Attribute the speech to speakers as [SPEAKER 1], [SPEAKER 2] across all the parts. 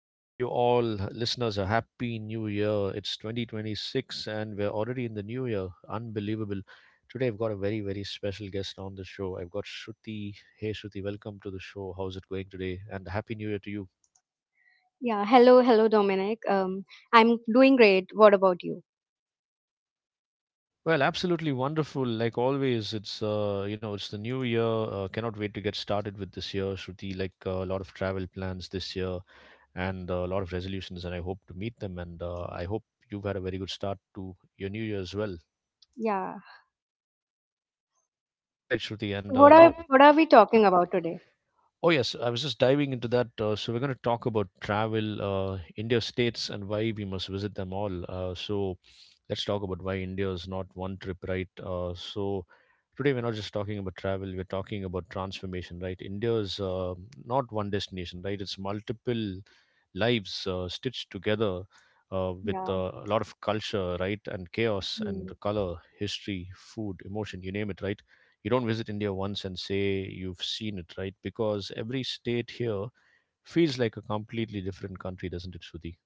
[SPEAKER 1] Wishing you all listeners a happy new year. It's 2026 and we're already in the new year. Unbelievable. Today I've got a very, very special guest on the show. I've got Shruti. Hey Shruti, welcome to the show. How's it going today? And happy new year to you.
[SPEAKER 2] Yeah, hello, hello, Dominic. I'm doing great. What about you?
[SPEAKER 1] Well, absolutely wonderful. Like always, it's the new year. Cannot wait to get started with this year, Shruti. A lot of travel plans this year and a lot of resolutions, and I hope to meet them. And I hope you've had a very good start to your new year as well.
[SPEAKER 2] Yeah.
[SPEAKER 1] All right, Shruti,
[SPEAKER 2] So
[SPEAKER 1] and uh,
[SPEAKER 2] what are
[SPEAKER 1] now
[SPEAKER 2] what are we talking about today?
[SPEAKER 1] Oh, yes. I was just diving into that. We're going to talk about travel, India states, and why we must visit them all. Let's talk about why India is not one trip, right? Today we're not just talking about travel, we're talking about transformation, right? India is not one destination, right? It's multiple lives stitched together uh, with
[SPEAKER 2] Yeah.
[SPEAKER 1] uh, a lot of culture, right? And chaos
[SPEAKER 2] Hmm.
[SPEAKER 1] and color, history, food, emotion, you name it, right? You don't visit India once and say you've seen it, right? Because every state here feels like a completely different country, doesn't it, Shruti?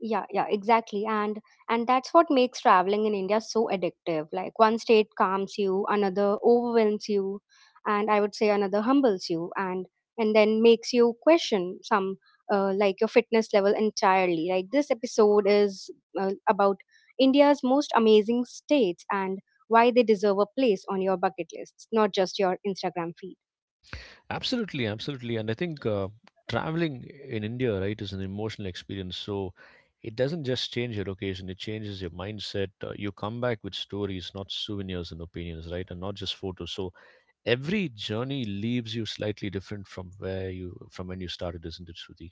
[SPEAKER 2] Yeah, yeah, exactly, and that's what makes traveling in India so addictive. Like, one state calms you, another overwhelms you, and I would say another humbles you, and then makes you question some, like, your fitness level entirely. Like, this episode is about India's most amazing states and why they deserve a place on your bucket lists, not just your Instagram feed.
[SPEAKER 1] Absolutely, absolutely. And I think traveling in India, right, is an emotional experience. So it doesn't just change your location, it changes your mindset. You come back with stories, not souvenirs and opinions, right? And not just photos. So every journey leaves you slightly different from where you from when you started, isn't it, shruti?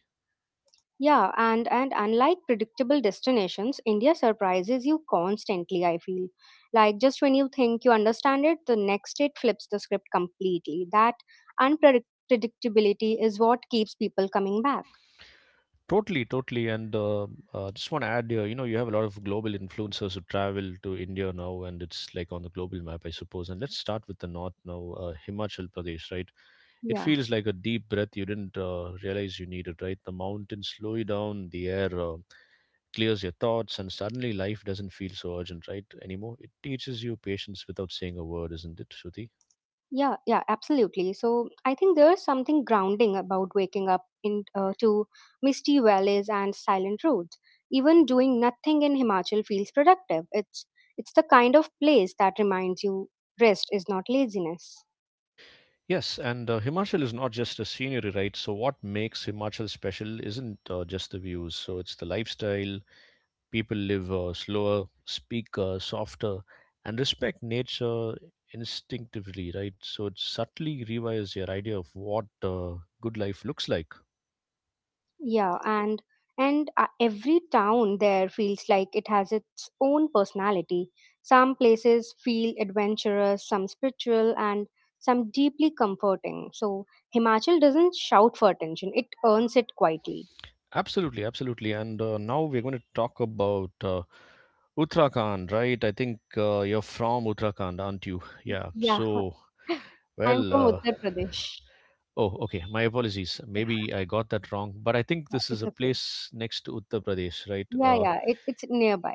[SPEAKER 2] Yeah, and unlike predictable destinations, India surprises you constantly, I feel. Like, just when you think you understand it, the next it flips the script completely. That unpredictability is what keeps people coming back.
[SPEAKER 1] Totally, totally, and just want to add here. You know, you have a lot of global influencers who travel to India now, and it's like on the global map, I suppose. And let's start with the north now, Himachal Pradesh, right? It
[SPEAKER 2] Yeah,
[SPEAKER 1] feels like a deep breath you didn't realize you needed, right? The mountains slow you down, the air clears your thoughts, and suddenly life doesn't feel so urgent, right, anymore. It teaches you patience without saying a word, isn't it, Shruti?
[SPEAKER 2] yeah, yeah, absolutely. So I think there's something grounding about waking up in to misty valleys and silent roads. Even doing nothing in Himachal feels productive. It's the kind of place that reminds you rest is not laziness.
[SPEAKER 1] Yes, and Himachal is not just a scenery, right? So, what makes Himachal special isn't just the views. So, it's the lifestyle. People live slower, speak softer, and respect nature instinctively, right? So, it subtly rewires your idea of what good life looks like.
[SPEAKER 2] Yeah, and every town there feels like it has its own personality. Some places feel adventurous, some spiritual, and some deeply comforting. So Himachal doesn't shout for attention; it earns it quietly.
[SPEAKER 1] Absolutely, absolutely. And now we're going to talk about Uttarakhand, right? I think you're from Uttarakhand, aren't you? Yeah.
[SPEAKER 2] Yeah,
[SPEAKER 1] So,
[SPEAKER 2] I'm
[SPEAKER 1] well,
[SPEAKER 2] from Uttar Pradesh.
[SPEAKER 1] oh, okay. My apologies. Maybe I got that wrong, but I think
[SPEAKER 2] Yeah,
[SPEAKER 1] this is
[SPEAKER 2] it's
[SPEAKER 1] a
[SPEAKER 2] okay.
[SPEAKER 1] place next to Uttar Pradesh, right?
[SPEAKER 2] Yeah, yeah, it's nearby.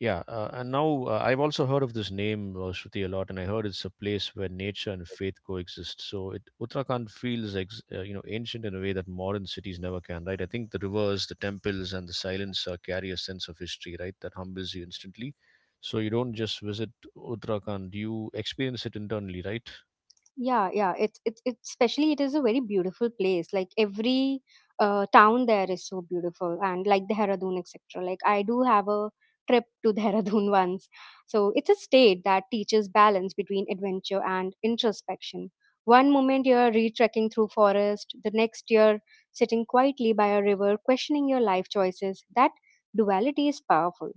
[SPEAKER 1] Yeah. And now I've also heard of this name, Shruti, a lot, and I heard it's a place where nature and faith coexist. So it Uttarakhand feels you know ancient in a way that modern cities never can, right? I think the rivers, the temples, and the silence carry a sense of history, right? That humbles you instantly. So you don't just visit Uttarakhand; you experience it internally, right?
[SPEAKER 2] Yeah, yeah. It's especially, it is a very beautiful place. Like, every town there is so beautiful, and like Dehradun, etc. Like, I do have a trip to Dehradun once. So it's a state that teaches balance between adventure and introspection. One moment you're retrekking through forest, the next you're sitting quietly by a river, questioning your life choices. That duality is powerful.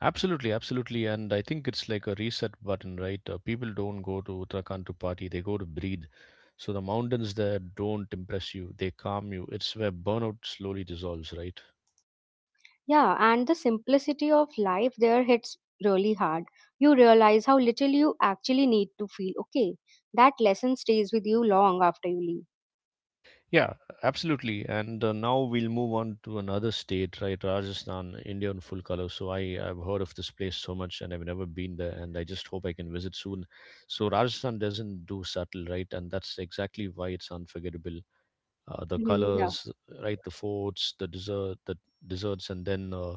[SPEAKER 1] Absolutely, absolutely. And I think it's like a reset button, right? People don't go to Uttarakhand to party, they go to breathe. So the mountains there don't impress you, they calm you. It's where burnout slowly dissolves, right?
[SPEAKER 2] Yeah, and the simplicity of life there hits really hard. You realize how little you actually need to feel okay. That lesson stays with you long after you leave.
[SPEAKER 1] Yeah, absolutely. And now we'll move on to another state, right? Rajasthan, India in full color. So I've heard of this place so much and I've never been there. And I just hope I can visit soon. So Rajasthan doesn't do subtle, right? And that's exactly why it's unforgettable. The
[SPEAKER 2] Mhm, yeah.
[SPEAKER 1] colors, right? The forts, the dessert, the desserts, and then uh,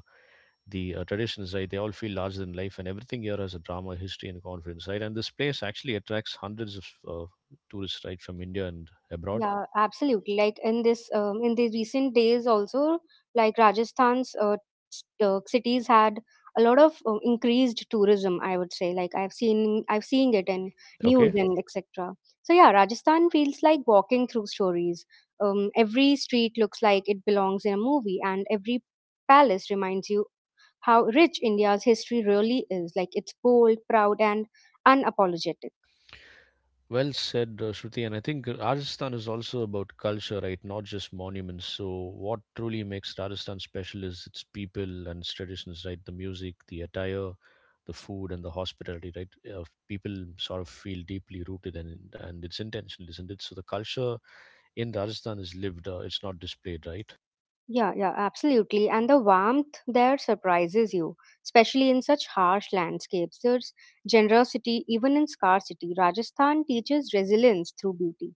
[SPEAKER 1] the uh, traditions, right? They all feel larger than life, and everything here has a drama, history, and confidence, right? And this place actually attracts hundreds of tourists, right, from India and abroad.
[SPEAKER 2] Yeah, absolutely. Like, in this, in the recent days also, like, Rajasthan's cities had a lot of increased tourism, I would say. Like, I've seen it in news
[SPEAKER 1] Okay.
[SPEAKER 2] and etc. So yeah, Rajasthan feels like walking through stories. Every street looks like it belongs in a movie, and every palace reminds you how rich India's history really is. Like, it's bold, proud, and unapologetic.
[SPEAKER 1] Well said, Shruti. And I think Rajasthan is also about culture, right? Not just monuments. So, what truly makes Rajasthan special is its people and its traditions, right? The music, the attire, the food, and the hospitality, right? People sort of feel deeply rooted and it's intentional, isn't it? So, the culture in Rajasthan is lived, it's not displayed, right?
[SPEAKER 2] Yeah, yeah, absolutely. And the warmth there surprises you, especially in such harsh landscapes. There's generosity even in scarcity. Rajasthan teaches resilience through beauty.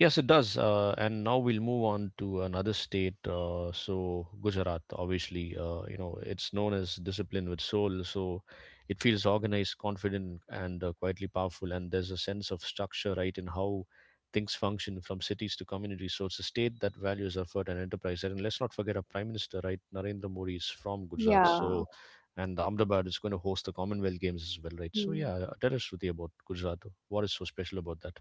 [SPEAKER 1] Yes, it does. And now we'll move on to another state. So Gujarat, obviously, you know, it's known as discipline with soul. So it feels organized, confident, and quietly powerful. And there's a sense of structure, right, in how things function from cities to communities. So it's a state that values effort and enterprise. And let's not forget our prime minister, right, Narendra Modi is from Gujarat.
[SPEAKER 2] Yeah.
[SPEAKER 1] So, and Ahmedabad is going to host the Commonwealth Games as well, right? So
[SPEAKER 2] Hmm.
[SPEAKER 1] yeah, tell us, Shruti, about Gujarat. What is so special about that?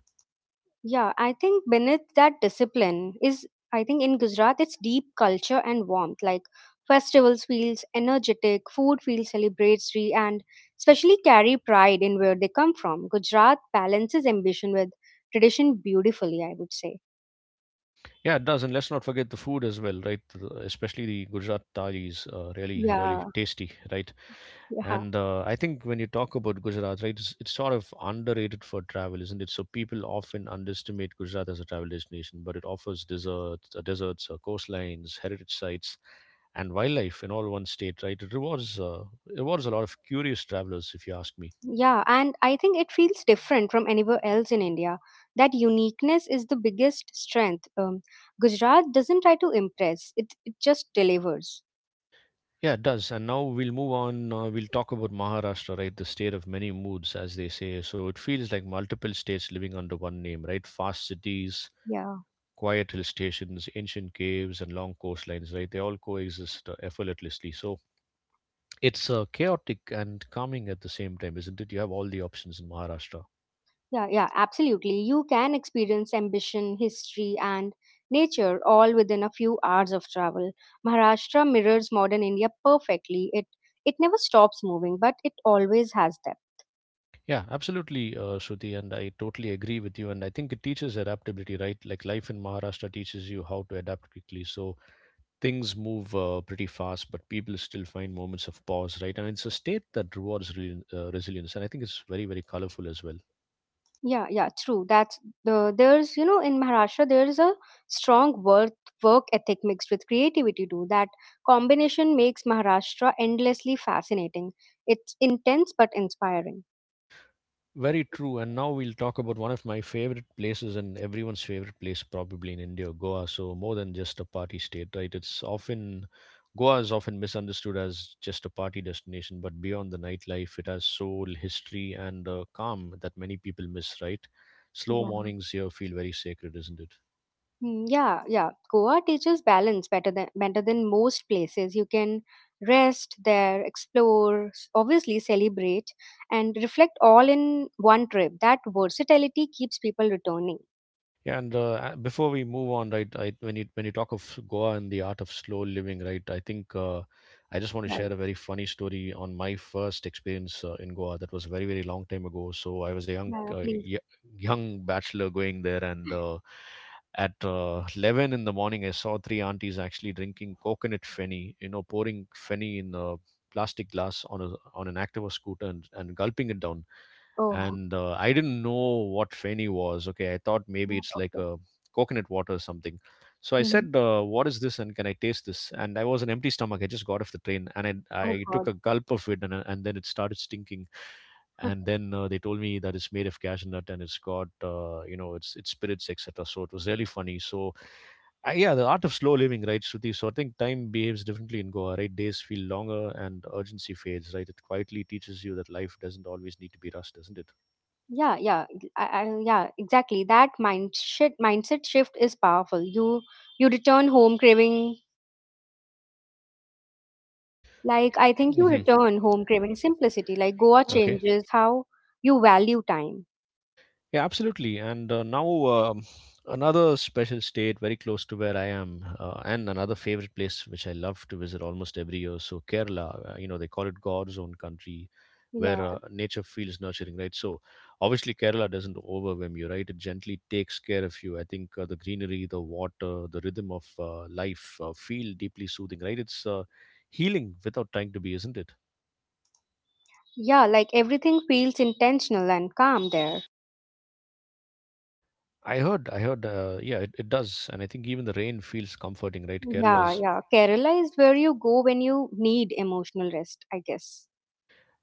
[SPEAKER 2] Yeah, I think beneath that discipline is, I think in Gujarat it's deep culture and warmth. Like, festivals feels energetic, food feels celebratory, and especially carry pride in where they come from. Gujarat balances ambition with tradition beautifully, I would say.
[SPEAKER 1] Yeah, it does, and let's not forget the food as well, right? The- Especially the Gujarat thali is really, really
[SPEAKER 2] Yeah.
[SPEAKER 1] tasty, right?
[SPEAKER 2] Yeah.
[SPEAKER 1] And I think when you talk about Gujarat, right, it's sort of underrated for travel, isn't it? So people often underestimate Gujarat as a travel destination, but it offers deserts, coastlines, heritage sites, and wildlife in all one state, right? It rewards a lot of curious travelers, if you ask me.
[SPEAKER 2] Yeah, and I think it feels different from anywhere else in India. That uniqueness is the biggest strength. Gujarat doesn't try to impress, it just delivers.
[SPEAKER 1] Yeah, it does. And now we'll move on. We'll talk about Maharashtra, right? The state of many moods, as they say. So it feels like multiple states living under one name, right? Fast cities,
[SPEAKER 2] Yeah,
[SPEAKER 1] quiet hill stations, ancient caves, and long coastlines, right? They all coexist effortlessly. So it's chaotic and calming at the same time, isn't it? You have all the options in Maharashtra.
[SPEAKER 2] yeah, yeah, absolutely. You can experience ambition, history, and nature all within a few hours of travel. Maharashtra mirrors modern India perfectly. It never stops moving, but it always has depth.
[SPEAKER 1] Yeah, absolutely, Shruti, and I totally agree with you. And I think it teaches adaptability, right? Like life in Maharashtra teaches you how to adapt quickly. So things move pretty fast, but people still find moments of pause, right? And it's a state that rewards resilience, and I think it's very, very colorful as well.
[SPEAKER 2] Yeah, yeah, true. That's the there's you know, in Maharashtra there is a strong work ethic mixed with creativity too. That combination makes Maharashtra endlessly fascinating. It's intense but inspiring.
[SPEAKER 1] Very true. And now we'll talk about one of my favorite places and everyone's favorite place, probably in India, Goa. So more than just a party state, right? It's often Goa is often misunderstood as just a party destination, but beyond the nightlife, it has soul, history, and calm that many people miss, right? Slow
[SPEAKER 2] Yeah.
[SPEAKER 1] mornings here feel very sacred, isn't it?
[SPEAKER 2] Mm, yeah, yeah. Goa teaches balance better than most places. You can rest there, explore, obviously celebrate, and reflect all in one trip. That versatility keeps people returning.
[SPEAKER 1] Yeah, and before we move on, right, I, when you talk of Goa and the art of slow living, right, I think I just want to
[SPEAKER 2] Yeah,
[SPEAKER 1] share a very funny story on my first experience in Goa. That was a very very long time ago. So I was a
[SPEAKER 2] yeah. Please.
[SPEAKER 1] young bachelor going there, and at 11 in the morning, I saw three aunties actually drinking coconut fenny, you know, pouring fenny in a plastic glass on an Activa scooter and gulping it down
[SPEAKER 2] Oh,
[SPEAKER 1] and I didn't know what Feni was. Okay, I thought
[SPEAKER 2] yeah,
[SPEAKER 1] maybe it's like
[SPEAKER 2] okay.
[SPEAKER 1] a coconut water or something. So I
[SPEAKER 2] Mhm.
[SPEAKER 1] said, "What is this? And can I taste this?" And I was an empty stomach. I just got off the train, and I
[SPEAKER 2] Oh
[SPEAKER 1] I took
[SPEAKER 2] God.
[SPEAKER 1] a gulp of it, and then it started stinking. And then uh, they told me that it's made of cashew nut and it's got you know it's spirits etc. So it was really funny. So yeah, the art of slow living, right, Shruti? So I think time behaves differently in Goa, right? Days feel longer and urgency fades, right? It quietly teaches you that life doesn't always need to be rushed, doesn't it?
[SPEAKER 2] Yeah, yeah, yeah, exactly. That mindset shift is powerful. You return home craving Like, I think you return home craving simplicity. Like, Goa
[SPEAKER 1] Okay.
[SPEAKER 2] changes how you value time.
[SPEAKER 1] Yeah, absolutely. And now um another special state very close to where I am, and another favorite place which I love to visit almost every year. So Kerala, you know, they call it God's own country,
[SPEAKER 2] Yeah.
[SPEAKER 1] where nature feels nurturing, right? So obviously Kerala doesn't overwhelm you, right? It gently takes care of you. I think the greenery, the water, the rhythm of life feel deeply soothing, right? It's healing without trying to be, isn't it?
[SPEAKER 2] Yeah, like, everything feels intentional and calm there.
[SPEAKER 1] I heard, yeah, it does. And I think even the rain feels comforting, right?
[SPEAKER 2] Yeah,
[SPEAKER 1] Kerala's
[SPEAKER 2] yeah. Kerala is where you go when you need emotional rest, I guess.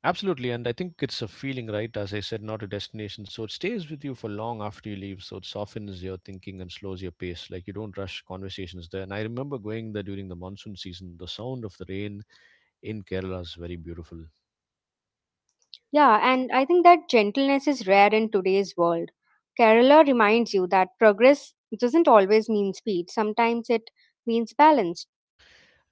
[SPEAKER 1] absolutely. And I think it's a feeling, right? As I said, not a destination. So it stays with you for long after you leave. So it softens your thinking and slows your pace. Like you don't rush conversations there. And I remember going there during the monsoon season. The sound of the rain in Kerala is very beautiful.
[SPEAKER 2] Yeah, and I think that gentleness is rare in today's world. Kerala reminds you that progress doesn't always mean speed, sometimes it means balance.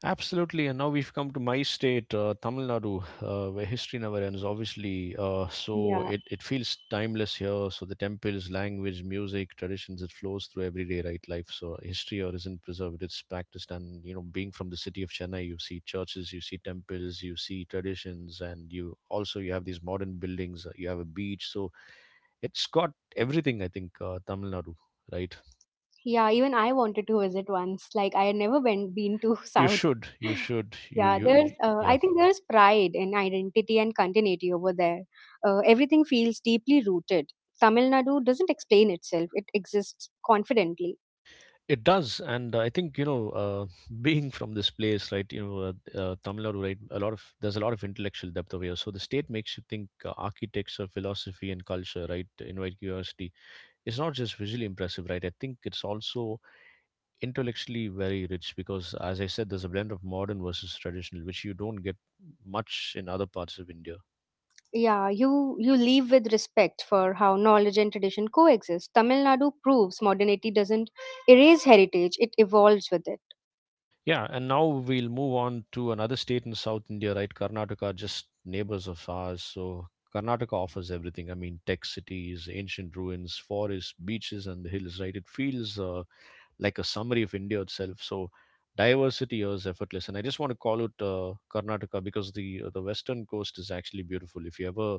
[SPEAKER 1] Absolutely, and now we've come to my state, Tamil Nadu, where history never ends. Obviously, uh, so
[SPEAKER 2] Yeah.
[SPEAKER 1] it, it feels timeless here. So the temples, language, music, traditions, it flows through everyday right life. So history here isn't preserved; it's practiced. And you know, being from the city of Chennai, you see churches, you see temples, you see traditions, and you also you have these modern buildings. You have a beach, so it's got everything. I think Tamil Nadu, right?
[SPEAKER 2] Yeah, even I wanted to visit once. Like, I had never been to
[SPEAKER 1] You
[SPEAKER 2] South.
[SPEAKER 1] should, you should,
[SPEAKER 2] Yeah, there's
[SPEAKER 1] you yeah.
[SPEAKER 2] I think there's pride in identity and continuity over there. Everything feels deeply rooted. Tamil Nadu doesn't explain itself. It exists confidently.
[SPEAKER 1] It does, and I think you know, being from this place, right? You know, Tamil Nadu, right? A lot of there's a lot of intellectual depth over here. So the state makes you think architecture, philosophy, and culture, right? Invite curiosity. It's not just visually impressive, right? I think it's also intellectually very rich because, as I said, there's a blend of modern versus traditional, which you don't get much in other parts of India.
[SPEAKER 2] Yeah, you leave with respect for how knowledge and tradition coexist. Tamil Nadu proves modernity doesn't erase heritage, it evolves with it.
[SPEAKER 1] Yeah, and now we'll move on to another state in South India, right? Karnataka, just neighbors of ours. So Karnataka offers everything. I mean, tech cities, ancient ruins, forests, beaches, and the hills, right? It feels like a summary of India itself. So diversity here is effortless. And I just want to call it Karnataka because the western coast is actually beautiful. If you ever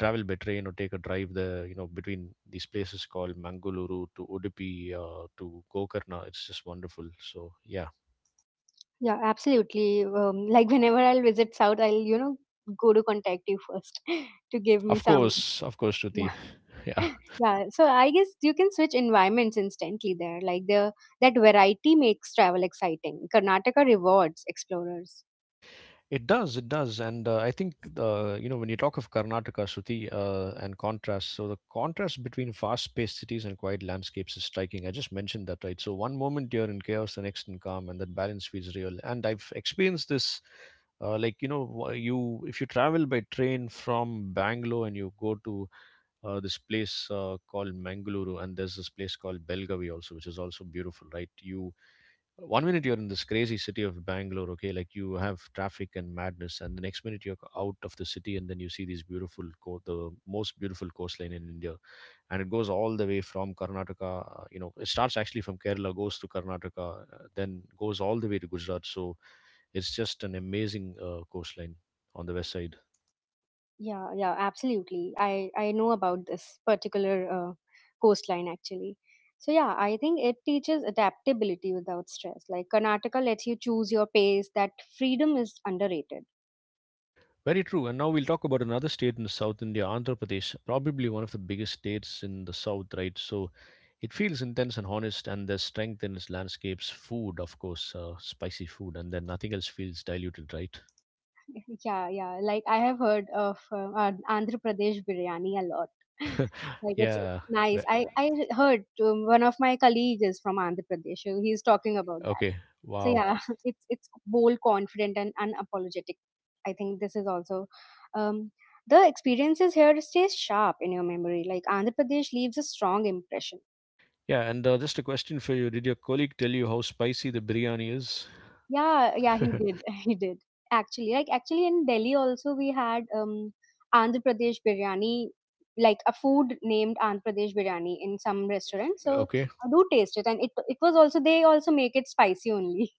[SPEAKER 1] travel by train or take a drive there, you know, between these places called Mangaluru to Udupi to Gokarna, it's just wonderful. So yeah.
[SPEAKER 2] Yeah, absolutely. Like, whenever I'll visit South, I'll, you know, go to contact you first to give me some.
[SPEAKER 1] Of course,
[SPEAKER 2] Yeah.
[SPEAKER 1] Shruti. Yeah.
[SPEAKER 2] Yeah. So I guess you can switch environments instantly there. Like, the that variety makes travel exciting. Karnataka rewards explorers.
[SPEAKER 1] It does, and I think you know when you talk of Karnataka, Shruti, and contrast. So the contrast between fast-paced cities and quiet landscapes is striking. I just mentioned that, right? So one moment you're in chaos, the next in calm, and that balance feels real. And I've experienced this, like you know, you if you travel by train from Bangalore and you go to this place called Mangaluru, and there's this place called Belgavi also, which is also beautiful, right? You one minute you're in this crazy city of Bangalore, okay, like you have traffic and madness, and the next minute you're out of the city, and then you see these beautiful, the most beautiful coastline in India, and it goes all the way from Karnataka. You know, it starts actually from Kerala, goes to Karnataka, then goes all the way to Gujarat. So it's just an amazing coastline on the west side.
[SPEAKER 2] Yeah, yeah, absolutely. I know about this particular coastline actually. So yeah, I think it teaches adaptability without stress. Like, Karnataka lets you choose your pace. That freedom is underrated.
[SPEAKER 1] Very true. And now we'll talk about another state in South India, Andhra Pradesh, probably one of the biggest states in the South, right? So it feels intense and honest, and there's strength in its landscapes, food, of course, spicy food, and then nothing else feels diluted, right?
[SPEAKER 2] Yeah, yeah. Like, I have heard of Andhra Pradesh biryani a lot. Like, it's
[SPEAKER 1] yeah.
[SPEAKER 2] it's
[SPEAKER 1] we-
[SPEAKER 2] nice. I heard one of my colleagues is from Andhra Pradesh, so he's talking about that.
[SPEAKER 1] Okay.
[SPEAKER 2] So
[SPEAKER 1] Wow.
[SPEAKER 2] yeah, it's bold, confident, and unapologetic. I think this is also, um, the experiences here stays sharp in your memory. Like, Andhra Pradesh leaves a strong impression.
[SPEAKER 1] Yeah. And just a question for you. Did your colleague tell you how spicy the biryani is?
[SPEAKER 2] Yeah, yeah, he did. He did. Actually, in Delhi also we had Andhra Pradesh biryani, like a food named Andhra Pradesh biryani in some restaurant. So
[SPEAKER 1] okay.
[SPEAKER 2] I do taste it and it was also, they also make it spicy only.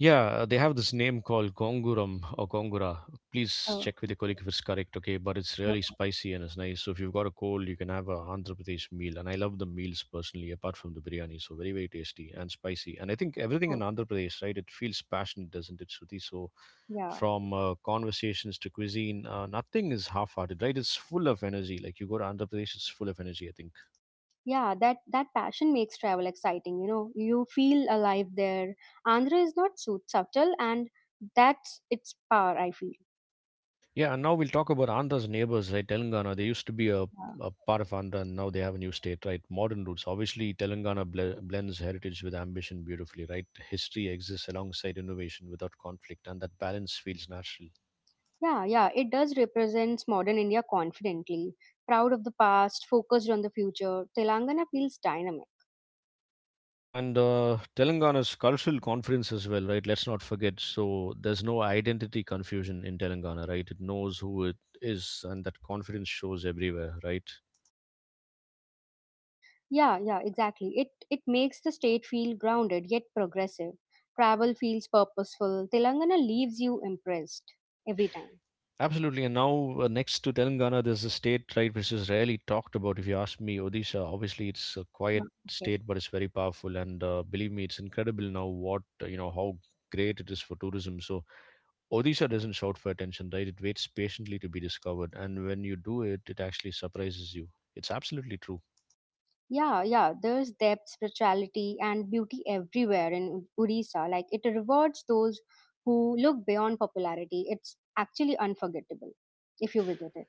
[SPEAKER 1] Yeah, they have this name called Gonguram or Gongura. Please check with your colleague if it's correct, okay? But it's
[SPEAKER 2] Oh, okay.
[SPEAKER 1] really
[SPEAKER 2] Oh, okay.
[SPEAKER 1] spicy and it's nice. So if you've got a cold, you can have a Andhra Pradesh meal. And I love the meals personally, apart from the biryani. So very, very tasty and spicy. And I think everything
[SPEAKER 2] Oh.
[SPEAKER 1] in Andhra Pradesh, right? It feels passionate, doesn't it, Shruti? So
[SPEAKER 2] Yeah.
[SPEAKER 1] from conversations to cuisine, nothing is half-hearted, right? It's full of energy. Like you go to Andhra Pradesh, it's full of energy. I think.
[SPEAKER 2] Yeah, that passion makes travel exciting, you know. You feel alive there. Andhra is not so subtle and that's its power, I feel.
[SPEAKER 1] Yeah, and now we'll talk about Andhra's neighbors, right? Telangana, they used to be
[SPEAKER 2] Yeah.
[SPEAKER 1] a part of Andhra, and now they have a new state, right? Modern roots. Obviously, Telangana blends heritage with ambition beautifully, right? History exists alongside innovation without conflict, and that balance feels natural.
[SPEAKER 2] Yeah, yeah, it does represents modern India confidently, proud of the past, focused on the future. Telangana feels dynamic.
[SPEAKER 1] Yeah, and Telangana's cultural conference as well, right? Let's not forget. So there's no identity confusion in Telangana, right? It knows who it is, and that confidence shows everywhere, right?
[SPEAKER 2] Yeah, yeah, exactly. It makes the state feel grounded yet progressive. Travel feels purposeful. Telangana leaves you impressed every time.
[SPEAKER 1] Absolutely, and now next to Telangana, there's a state right which is rarely talked about. If you ask me, Odisha. Obviously, it's a
[SPEAKER 2] Uh,
[SPEAKER 1] quiet
[SPEAKER 2] Okay.
[SPEAKER 1] state, but it's very powerful, and believe me, it's incredible now what you know how great it is for tourism. So Odisha doesn't shout for attention, right? It waits patiently to be discovered, and when you do it, it actually surprises you. It's absolutely true.
[SPEAKER 2] Yeah, yeah, there's depth, spirituality, and beauty everywhere in Odisha. Like, it rewards those who look beyond popularity. It's actually unforgettable if you visit it.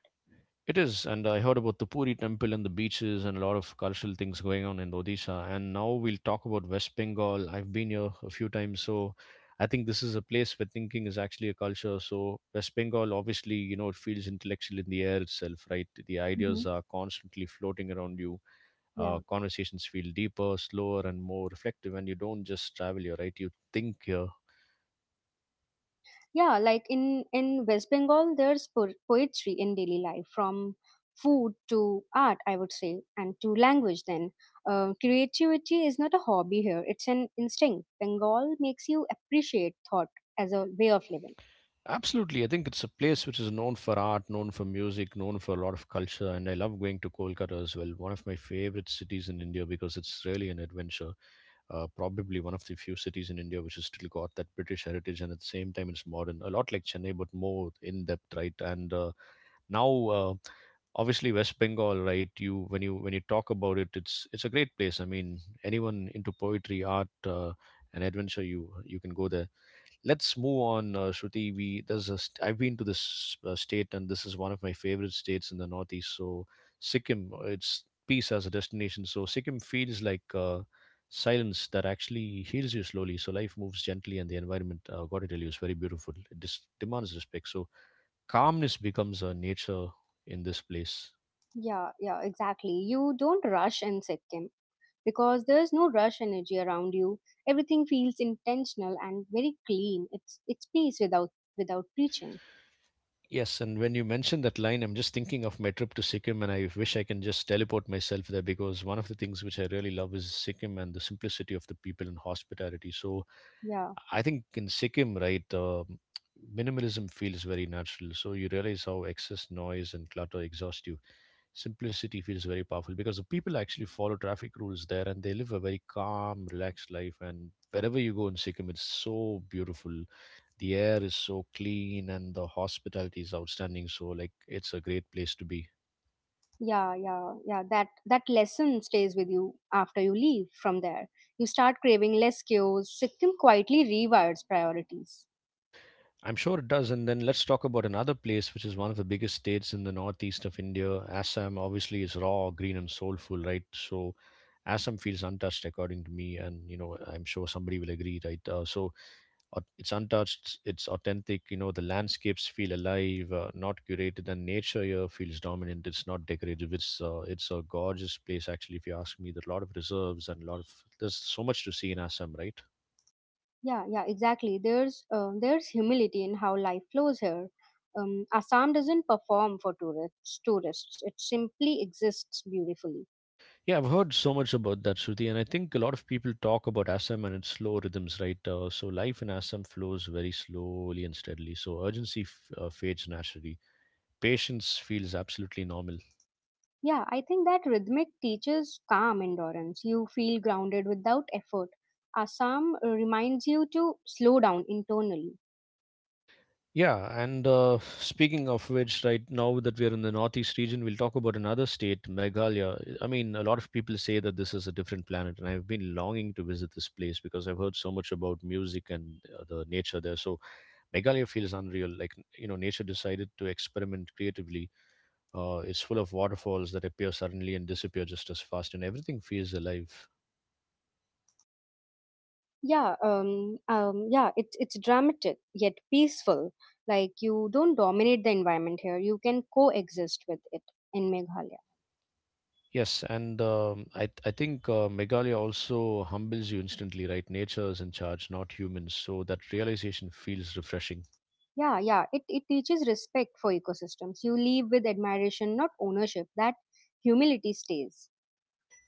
[SPEAKER 1] It is, and I heard about the Puri temple and the beaches and a lot of cultural things going on in Odisha. And now we'll talk about West Bengal. I've been here a few times, so I think this is a place where thinking is actually a culture. So West Bengal, obviously, you know, it feels intellectual in the air itself, right? The
[SPEAKER 2] Hmm.
[SPEAKER 1] ideas are constantly floating around you.
[SPEAKER 2] Yeah.
[SPEAKER 1] Conversations feel deeper, slower, and more reflective. And you don't just travel here, right? You think here.
[SPEAKER 2] Yeah, like, in West Bengal there's poetry in daily life from food to art, I would say, and to language. Then creativity is not a hobby here, it's an instinct. Bengal makes you appreciate thought as a way of living.
[SPEAKER 1] Absolutely. I think it's a place which is known for art, known for music, known for a lot of culture. And I love going to Kolkata as well. One of my favorite cities in India because it's really an adventure. Probably one of the few cities in India which has still got that British heritage and at the same time it's modern. A lot like Chennai, but more in depth, right? And uh, now, uh, obviously West Bengal, right? You when you talk about it, it's a great place. I mean, anyone into poetry, art, and adventure, you can go there. Let's move on, Shruti. We there's a st- I've been to this state, and this is one of my favorite states in the Northeast. So Sikkim, it's peace as a destination. So Sikkim feels like silence that actually heals you slowly. So life moves gently, and the environment, got to tell you, is very beautiful. It demands respect. So calmness becomes a nature in this place.
[SPEAKER 2] Yeah, yeah, exactly. You don't rush in Sikkim because there's no rush energy around you. Everything feels intentional and very clean. It's peace without, preaching.
[SPEAKER 1] Yes, and when you mention that line, I'm just thinking of my trip to Sikkim, and I wish I can just teleport myself there because one of the things which I really love is Sikkim and the simplicity of the people and hospitality. So
[SPEAKER 2] Yeah,
[SPEAKER 1] I think in Sikkim, right, minimalism feels very natural. So you realize how excess noise and clutter exhaust you. Simplicity feels very powerful because the people actually follow traffic rules there and they live a very calm, relaxed life. And wherever you go in Sikkim, it's so beautiful. The air is so clean and the hospitality is outstanding. So, like, it's a great place to be.
[SPEAKER 2] yeah, yeah, yeah, that lesson stays with you after you leave from there. You start craving less cues. Sikkim quietly rewires priorities.
[SPEAKER 1] I'm sure it does. And then let's talk about another place, which is one of the biggest states in the northeast of India. Assam obviously is raw, green, and soulful, right? So, Assam feels untouched, according to me. And, you know, I'm sure somebody will agree, right? So, it's untouched, it's authentic. You know, the landscapes feel alive, not curated, and nature here feels dominant. It's not decorative. It's a gorgeous place actually, if you ask me. There's a lot of reserves and a lot of, there's so much to see in Assam, right?
[SPEAKER 2] Yeah, yeah, exactly. There's humility in how life flows here. Assam doesn't perform for tourists, it simply exists beautifully.
[SPEAKER 1] Yeah, I've heard so much about that, Shruti, and I think a lot of people talk about Assam and its slow rhythms, right? So life in Assam flows very slowly and steadily, so urgency fades naturally. Patience feels absolutely normal.
[SPEAKER 2] Yeah, I think that rhythmic teaches calm endurance. You feel grounded without effort. Assam, reminds you to slow down internally.
[SPEAKER 1] Yeah, and speaking of which, right now that we're in the northeast region, we'll talk about another state, Meghalaya. I mean, a lot of people say that this is a different planet, and I've been longing to visit this place because I've heard so much about music and the nature there. So Meghalaya feels unreal. Like, you know, nature decided to experiment creatively. It's full of waterfalls that appear suddenly and disappear just as fast, and everything feels alive.
[SPEAKER 2] Yeah, yeah, it's dramatic yet peaceful. Like, you don't dominate the environment here. You can coexist with it in Meghalaya.
[SPEAKER 1] Yes, and I think Meghalaya also humbles you instantly, right? Nature is in charge, not humans. So that realization feels refreshing.
[SPEAKER 2] Yeah, yeah. It teaches respect for ecosystems. You leave with admiration, not ownership. That humility stays.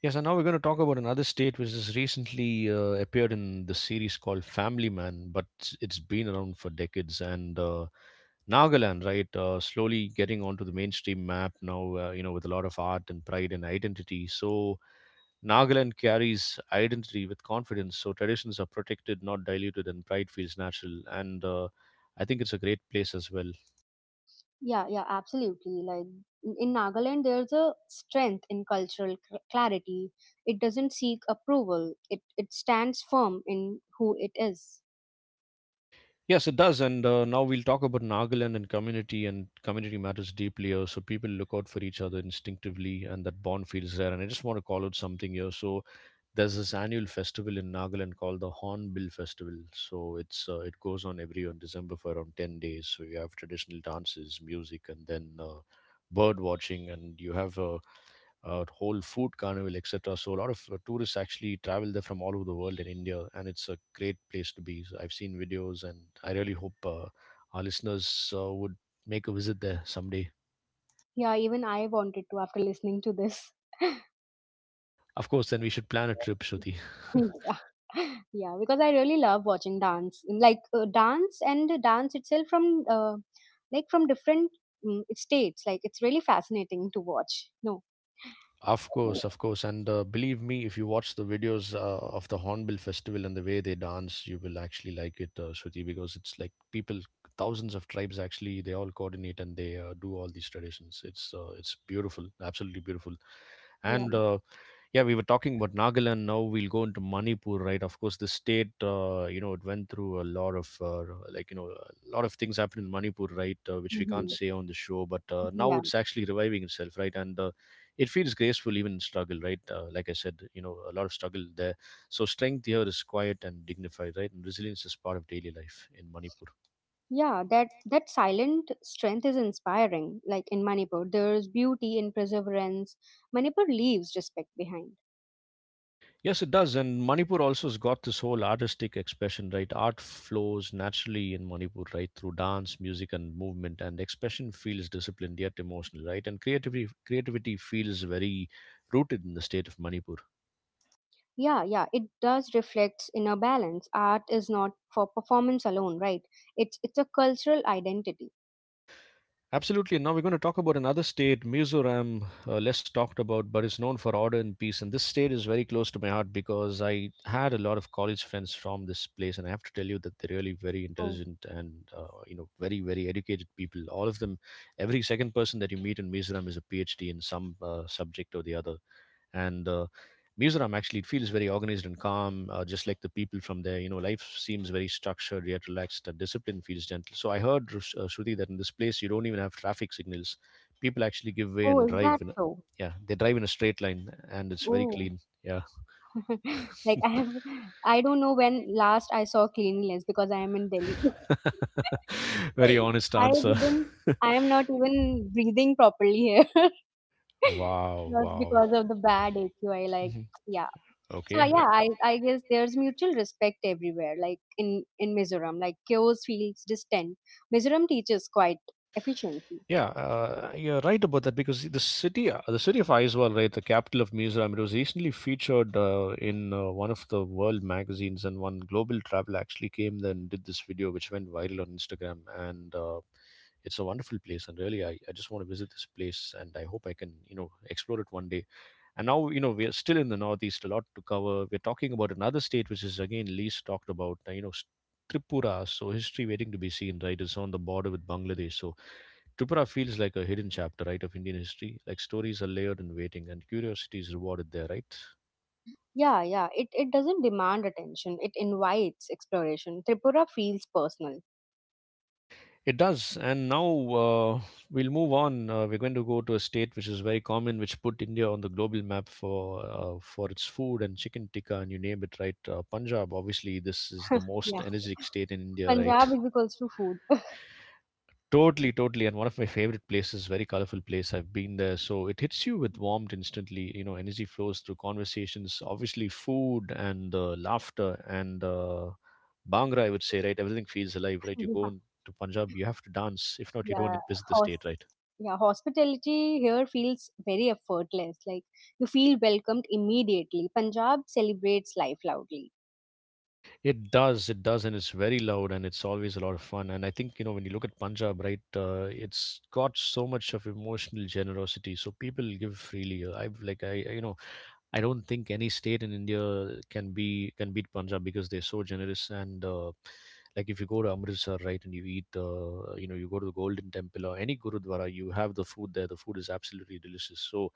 [SPEAKER 1] Yes, and now we're going to talk about another state which has recently appeared in the series called Family Man, but it's been around for decades. And Nagaland, right, slowly getting onto the mainstream map now, you know, with a lot of art and pride and identity. So Nagaland carries identity with confidence, so traditions are protected, not diluted, and pride feels natural. And I think it's a great place as well.
[SPEAKER 2] Yeah, yeah, absolutely. Like, in Nagaland, there's a strength in cultural clarity. It doesn't seek approval. It stands firm in who it is.
[SPEAKER 1] Yes, it does. And now we'll talk about Nagaland and community matters deeply here. So people look out for each other instinctively, and that bond feels there. And I just want to call out something here. So there's this annual festival in Nagaland called the Hornbill Festival. So it goes on every year in December for around 10 days. So you have traditional dances, music, and then bird watching, and you have whole food carnival, etc. So a lot of tourists actually travel there from all over the world in India, and it's a great place to be. So I've seen videos, and I really hope our listeners would make a visit there someday.
[SPEAKER 2] Yeah, even I wanted to after listening to this.
[SPEAKER 1] Of course, then we should plan a trip, Shruti.
[SPEAKER 2] Yeah. Yeah, because I really love watching dance, like, dance and the dance itself from, like, from different, states. Like, it's really fascinating to watch, no? Right.
[SPEAKER 1] Of course, and believe me, if you watch the videos of the Hornbill Festival and the way they dance, you will actually like it, Shruti, because it's like people, thousands of tribes actually, they all coordinate and they do all these traditions. It's beautiful, absolutely beautiful
[SPEAKER 2] Yeah.
[SPEAKER 1] and yeah, we were talking about Nagaland. Now we'll go into Manipur, right? Of course, the state, you know, it went through a lot of like you know a lot of things happened in Manipur, right? Which we can't
[SPEAKER 2] Hmm.
[SPEAKER 1] say on the show, but now
[SPEAKER 2] Yeah,
[SPEAKER 1] it's actually reviving itself, right? and it feels graceful even in struggle, right? Like I said, you know, a lot of struggle there. So strength here is quiet and dignified, right? And resilience is part of daily life in Manipur.
[SPEAKER 2] yeah, that silent strength is inspiring. Like, in Manipur there's beauty in perseverance. Manipur leaves respect behind.
[SPEAKER 1] Yes, it does. And Manipur also has got this whole artistic expression, right? Art flows naturally in Manipur, right? Through dance, music, and movement. And expression feels disciplined yet emotional, right? And creativity feels very rooted in the state of Manipur.
[SPEAKER 2] Yeah, yeah, it does reflect in a balance. Art is not for performance alone, right? It's a cultural identity.
[SPEAKER 1] Absolutely. Now we're going to talk about another state, Mizoram, less talked about, but is known for order and peace. And this state is very close to my heart because I had a lot of college friends from this place, and I have to tell you that they're really very
[SPEAKER 2] Oh.
[SPEAKER 1] intelligent and you know, very educated people. All of them, every second person that you meet in Mizoram is a PhD in some subject or the other and Mizoram actually it feels very organized and calm, just like the people from there. You know, life seems very structured yet relaxed. The discipline feels gentle. So I heard Shruti, that in this place you don't even have traffic signals. People actually give way and
[SPEAKER 2] Oh, is
[SPEAKER 1] drive.
[SPEAKER 2] that so?
[SPEAKER 1] Yeah, they drive in a straight line, and it's very
[SPEAKER 2] Oh.
[SPEAKER 1] clean. Yeah,
[SPEAKER 2] Like, I have, I don't know when last I saw cleanliness because I am in Delhi.
[SPEAKER 1] very honest
[SPEAKER 2] I
[SPEAKER 1] answer.
[SPEAKER 2] didn't, I am not even breathing properly here.
[SPEAKER 1] wow,
[SPEAKER 2] Just
[SPEAKER 1] wow.
[SPEAKER 2] because of the bad AQI, like,
[SPEAKER 1] Mhm.
[SPEAKER 2] yeah. So,
[SPEAKER 1] Okay.
[SPEAKER 2] yeah, I guess there's mutual respect everywhere, like, in Mizoram, like, chaos feels distant. Mizoram teaches quite efficiency.
[SPEAKER 1] Yeah, you're right about that because the city of Aizawl, right, the capital of Mizoram, it was recently featured in one of the world magazines, and one global traveler actually came there and did this video, which went viral on Instagram. And it's a wonderful place, and really, I just want to visit this place, and I hope I can, you know, explore it one day. And now, you know, we're still in the northeast, a lot to cover. We're talking about another state which is again least talked about, you know, Tripura. So history waiting to be seen, right? It's on the border with Bangladesh, so Tripura feels like a hidden chapter, right, of Indian history. Like stories are layered and waiting, and curiosity is rewarded there, right?
[SPEAKER 2] Yeah, yeah, it doesn't demand attention, it invites exploration. Tripura feels personal.
[SPEAKER 1] It does. And now uh, we'll move on. We're going to go to a state which is very common, which put India on the global map for its food and chicken tikka, and you name it, right? Punjab. Obviously, this is the most
[SPEAKER 2] Yeah,
[SPEAKER 1] energetic state in India, right?
[SPEAKER 2] Punjab is equals to food.
[SPEAKER 1] Totally, totally. And one of my favorite places, very colorful place. I've been there. So it hits you with warmth instantly. You know, energy flows through conversations, obviously, food and laughter and Bhangra, I would say, right? Everything feels alive, right? You go
[SPEAKER 2] Yeah,
[SPEAKER 1] in to Punjab, you have to dance. If not, you
[SPEAKER 2] yeah,
[SPEAKER 1] don't visit the
[SPEAKER 2] hos
[SPEAKER 1] state, right?
[SPEAKER 2] yeah, hospitality here feels very effortless. Like, you feel welcomed immediately. Punjab celebrates life loudly.
[SPEAKER 1] It does, and it's very loud, and it's always a lot of fun. And I think, you know, when you look at Punjab, right, it's got so much of emotional generosity, so people give freely. I've like I, you know, I don't think any state in India can beat Punjab because they're so generous. And like if you go to Amritsar, right, and you eat, you know, you go to the Golden Temple or any Gurudwara, you have the food there. The food is absolutely delicious. So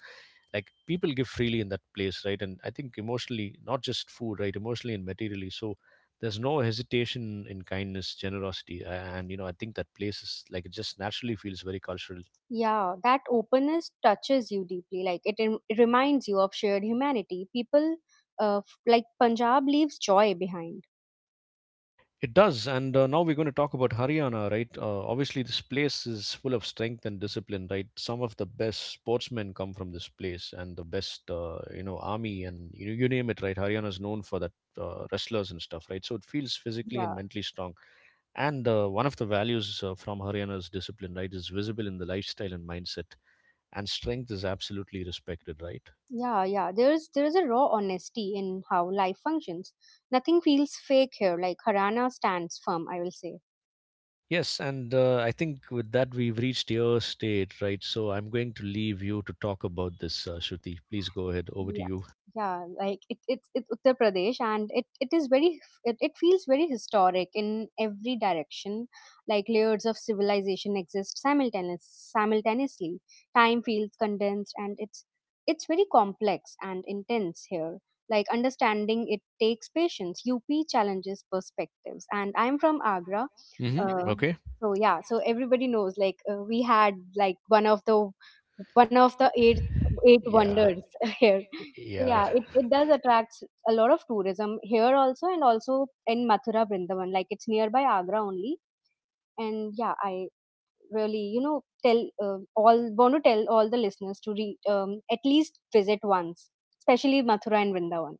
[SPEAKER 1] like people give freely in that place, right? And I think emotionally, not just food, right? Emotionally and materially. So there's no hesitation in kindness, generosity, and you know, I think that place is like it just naturally feels very cultural.
[SPEAKER 2] Yeah, that openness touches you deeply. Like, it, it reminds you of shared humanity. People, like, Punjab leaves joy behind.
[SPEAKER 1] It does, and now we're going to talk about Haryana, right? Obviously this place is full of strength and discipline, right? Some of the best sportsmen come from this place, and the best you know, army, and you know, you name it, right? Haryana is known for that, wrestlers and stuff, right? So it feels physically
[SPEAKER 2] Yeah,
[SPEAKER 1] and mentally strong and one of the values from Haryana's discipline, right, is visible in the lifestyle and mindset, and strength is absolutely respected, right?
[SPEAKER 2] yeah, yeah. There is a raw honesty in how life functions. Nothing feels fake here. Like, Harana stands firm, I will say.
[SPEAKER 1] Yes, and I think with that we've reached your state, right? So I'm going to leave you to talk about this, Shruti. Please go ahead. Over to
[SPEAKER 2] Yeah,
[SPEAKER 1] you.
[SPEAKER 2] yeah, like, it's Uttar Pradesh, and it is very, it feels very historic in every direction. Like, layers of civilization exist simultaneously. Time feels condensed, and it's very complex and intense here. Like, understanding it takes patience. UP challenges perspectives, and I'm from Agra,
[SPEAKER 1] Hmm.
[SPEAKER 2] uh,
[SPEAKER 1] Okay.
[SPEAKER 2] so yeah, so everybody knows, like, we had, like, one of the eight
[SPEAKER 1] Yeah.
[SPEAKER 2] wonders here. So
[SPEAKER 1] Yeah.
[SPEAKER 2] yeah, it does attract a lot of tourism here also, and also in Mathura, Vrindavan. Like, it's nearby Agra only. And yeah, I really, you know, tell all want to tell all the listeners to at least visit once, especially Mathura and Vrindavan.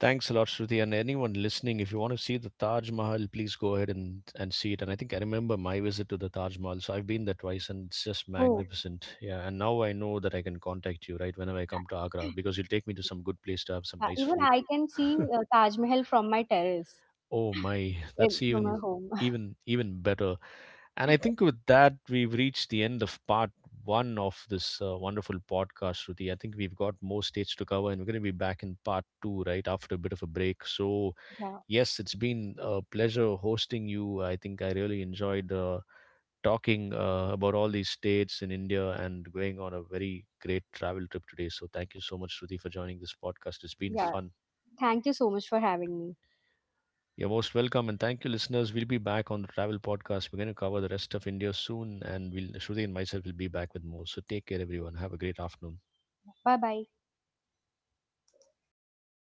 [SPEAKER 1] Thanks a lot, Shruti. And anyone listening, if you want to see the Taj Mahal, please go ahead and see it. And I think I remember my visit to the Taj Mahal. So I've been there twice and it's just
[SPEAKER 2] Oh.
[SPEAKER 1] magnificent. Yeah. And now I know that I can contact you, right, whenever I come to Agra because you'll take me to some good place to have some
[SPEAKER 2] Yeah,
[SPEAKER 1] nice
[SPEAKER 2] even
[SPEAKER 1] food.
[SPEAKER 2] I can see, Taj Mahal from my terrace,
[SPEAKER 1] Oh my, that's
[SPEAKER 2] from
[SPEAKER 1] even
[SPEAKER 2] my home.
[SPEAKER 1] even even better. And I think with that we've reached the end of part one of this wonderful podcast, Ruti. I think we've got more states to cover, and we're going to be back in part two right after a bit of a break. So
[SPEAKER 2] Yeah.
[SPEAKER 1] yes, it's been a pleasure hosting you. I think I really enjoyed talking about all these states in India and going on a very great travel trip today. So thank you so much, Ruti, for joining this podcast. It's been
[SPEAKER 2] Yeah.
[SPEAKER 1] fun.
[SPEAKER 2] Thank you so much for having me.
[SPEAKER 1] You're most welcome, and thank you, listeners. We'll be back on the travel podcast. We're going to cover the rest of India soon, and we'll Shruti and myself will be back with more. So take care, everyone. Have a great afternoon.
[SPEAKER 2] Bye bye.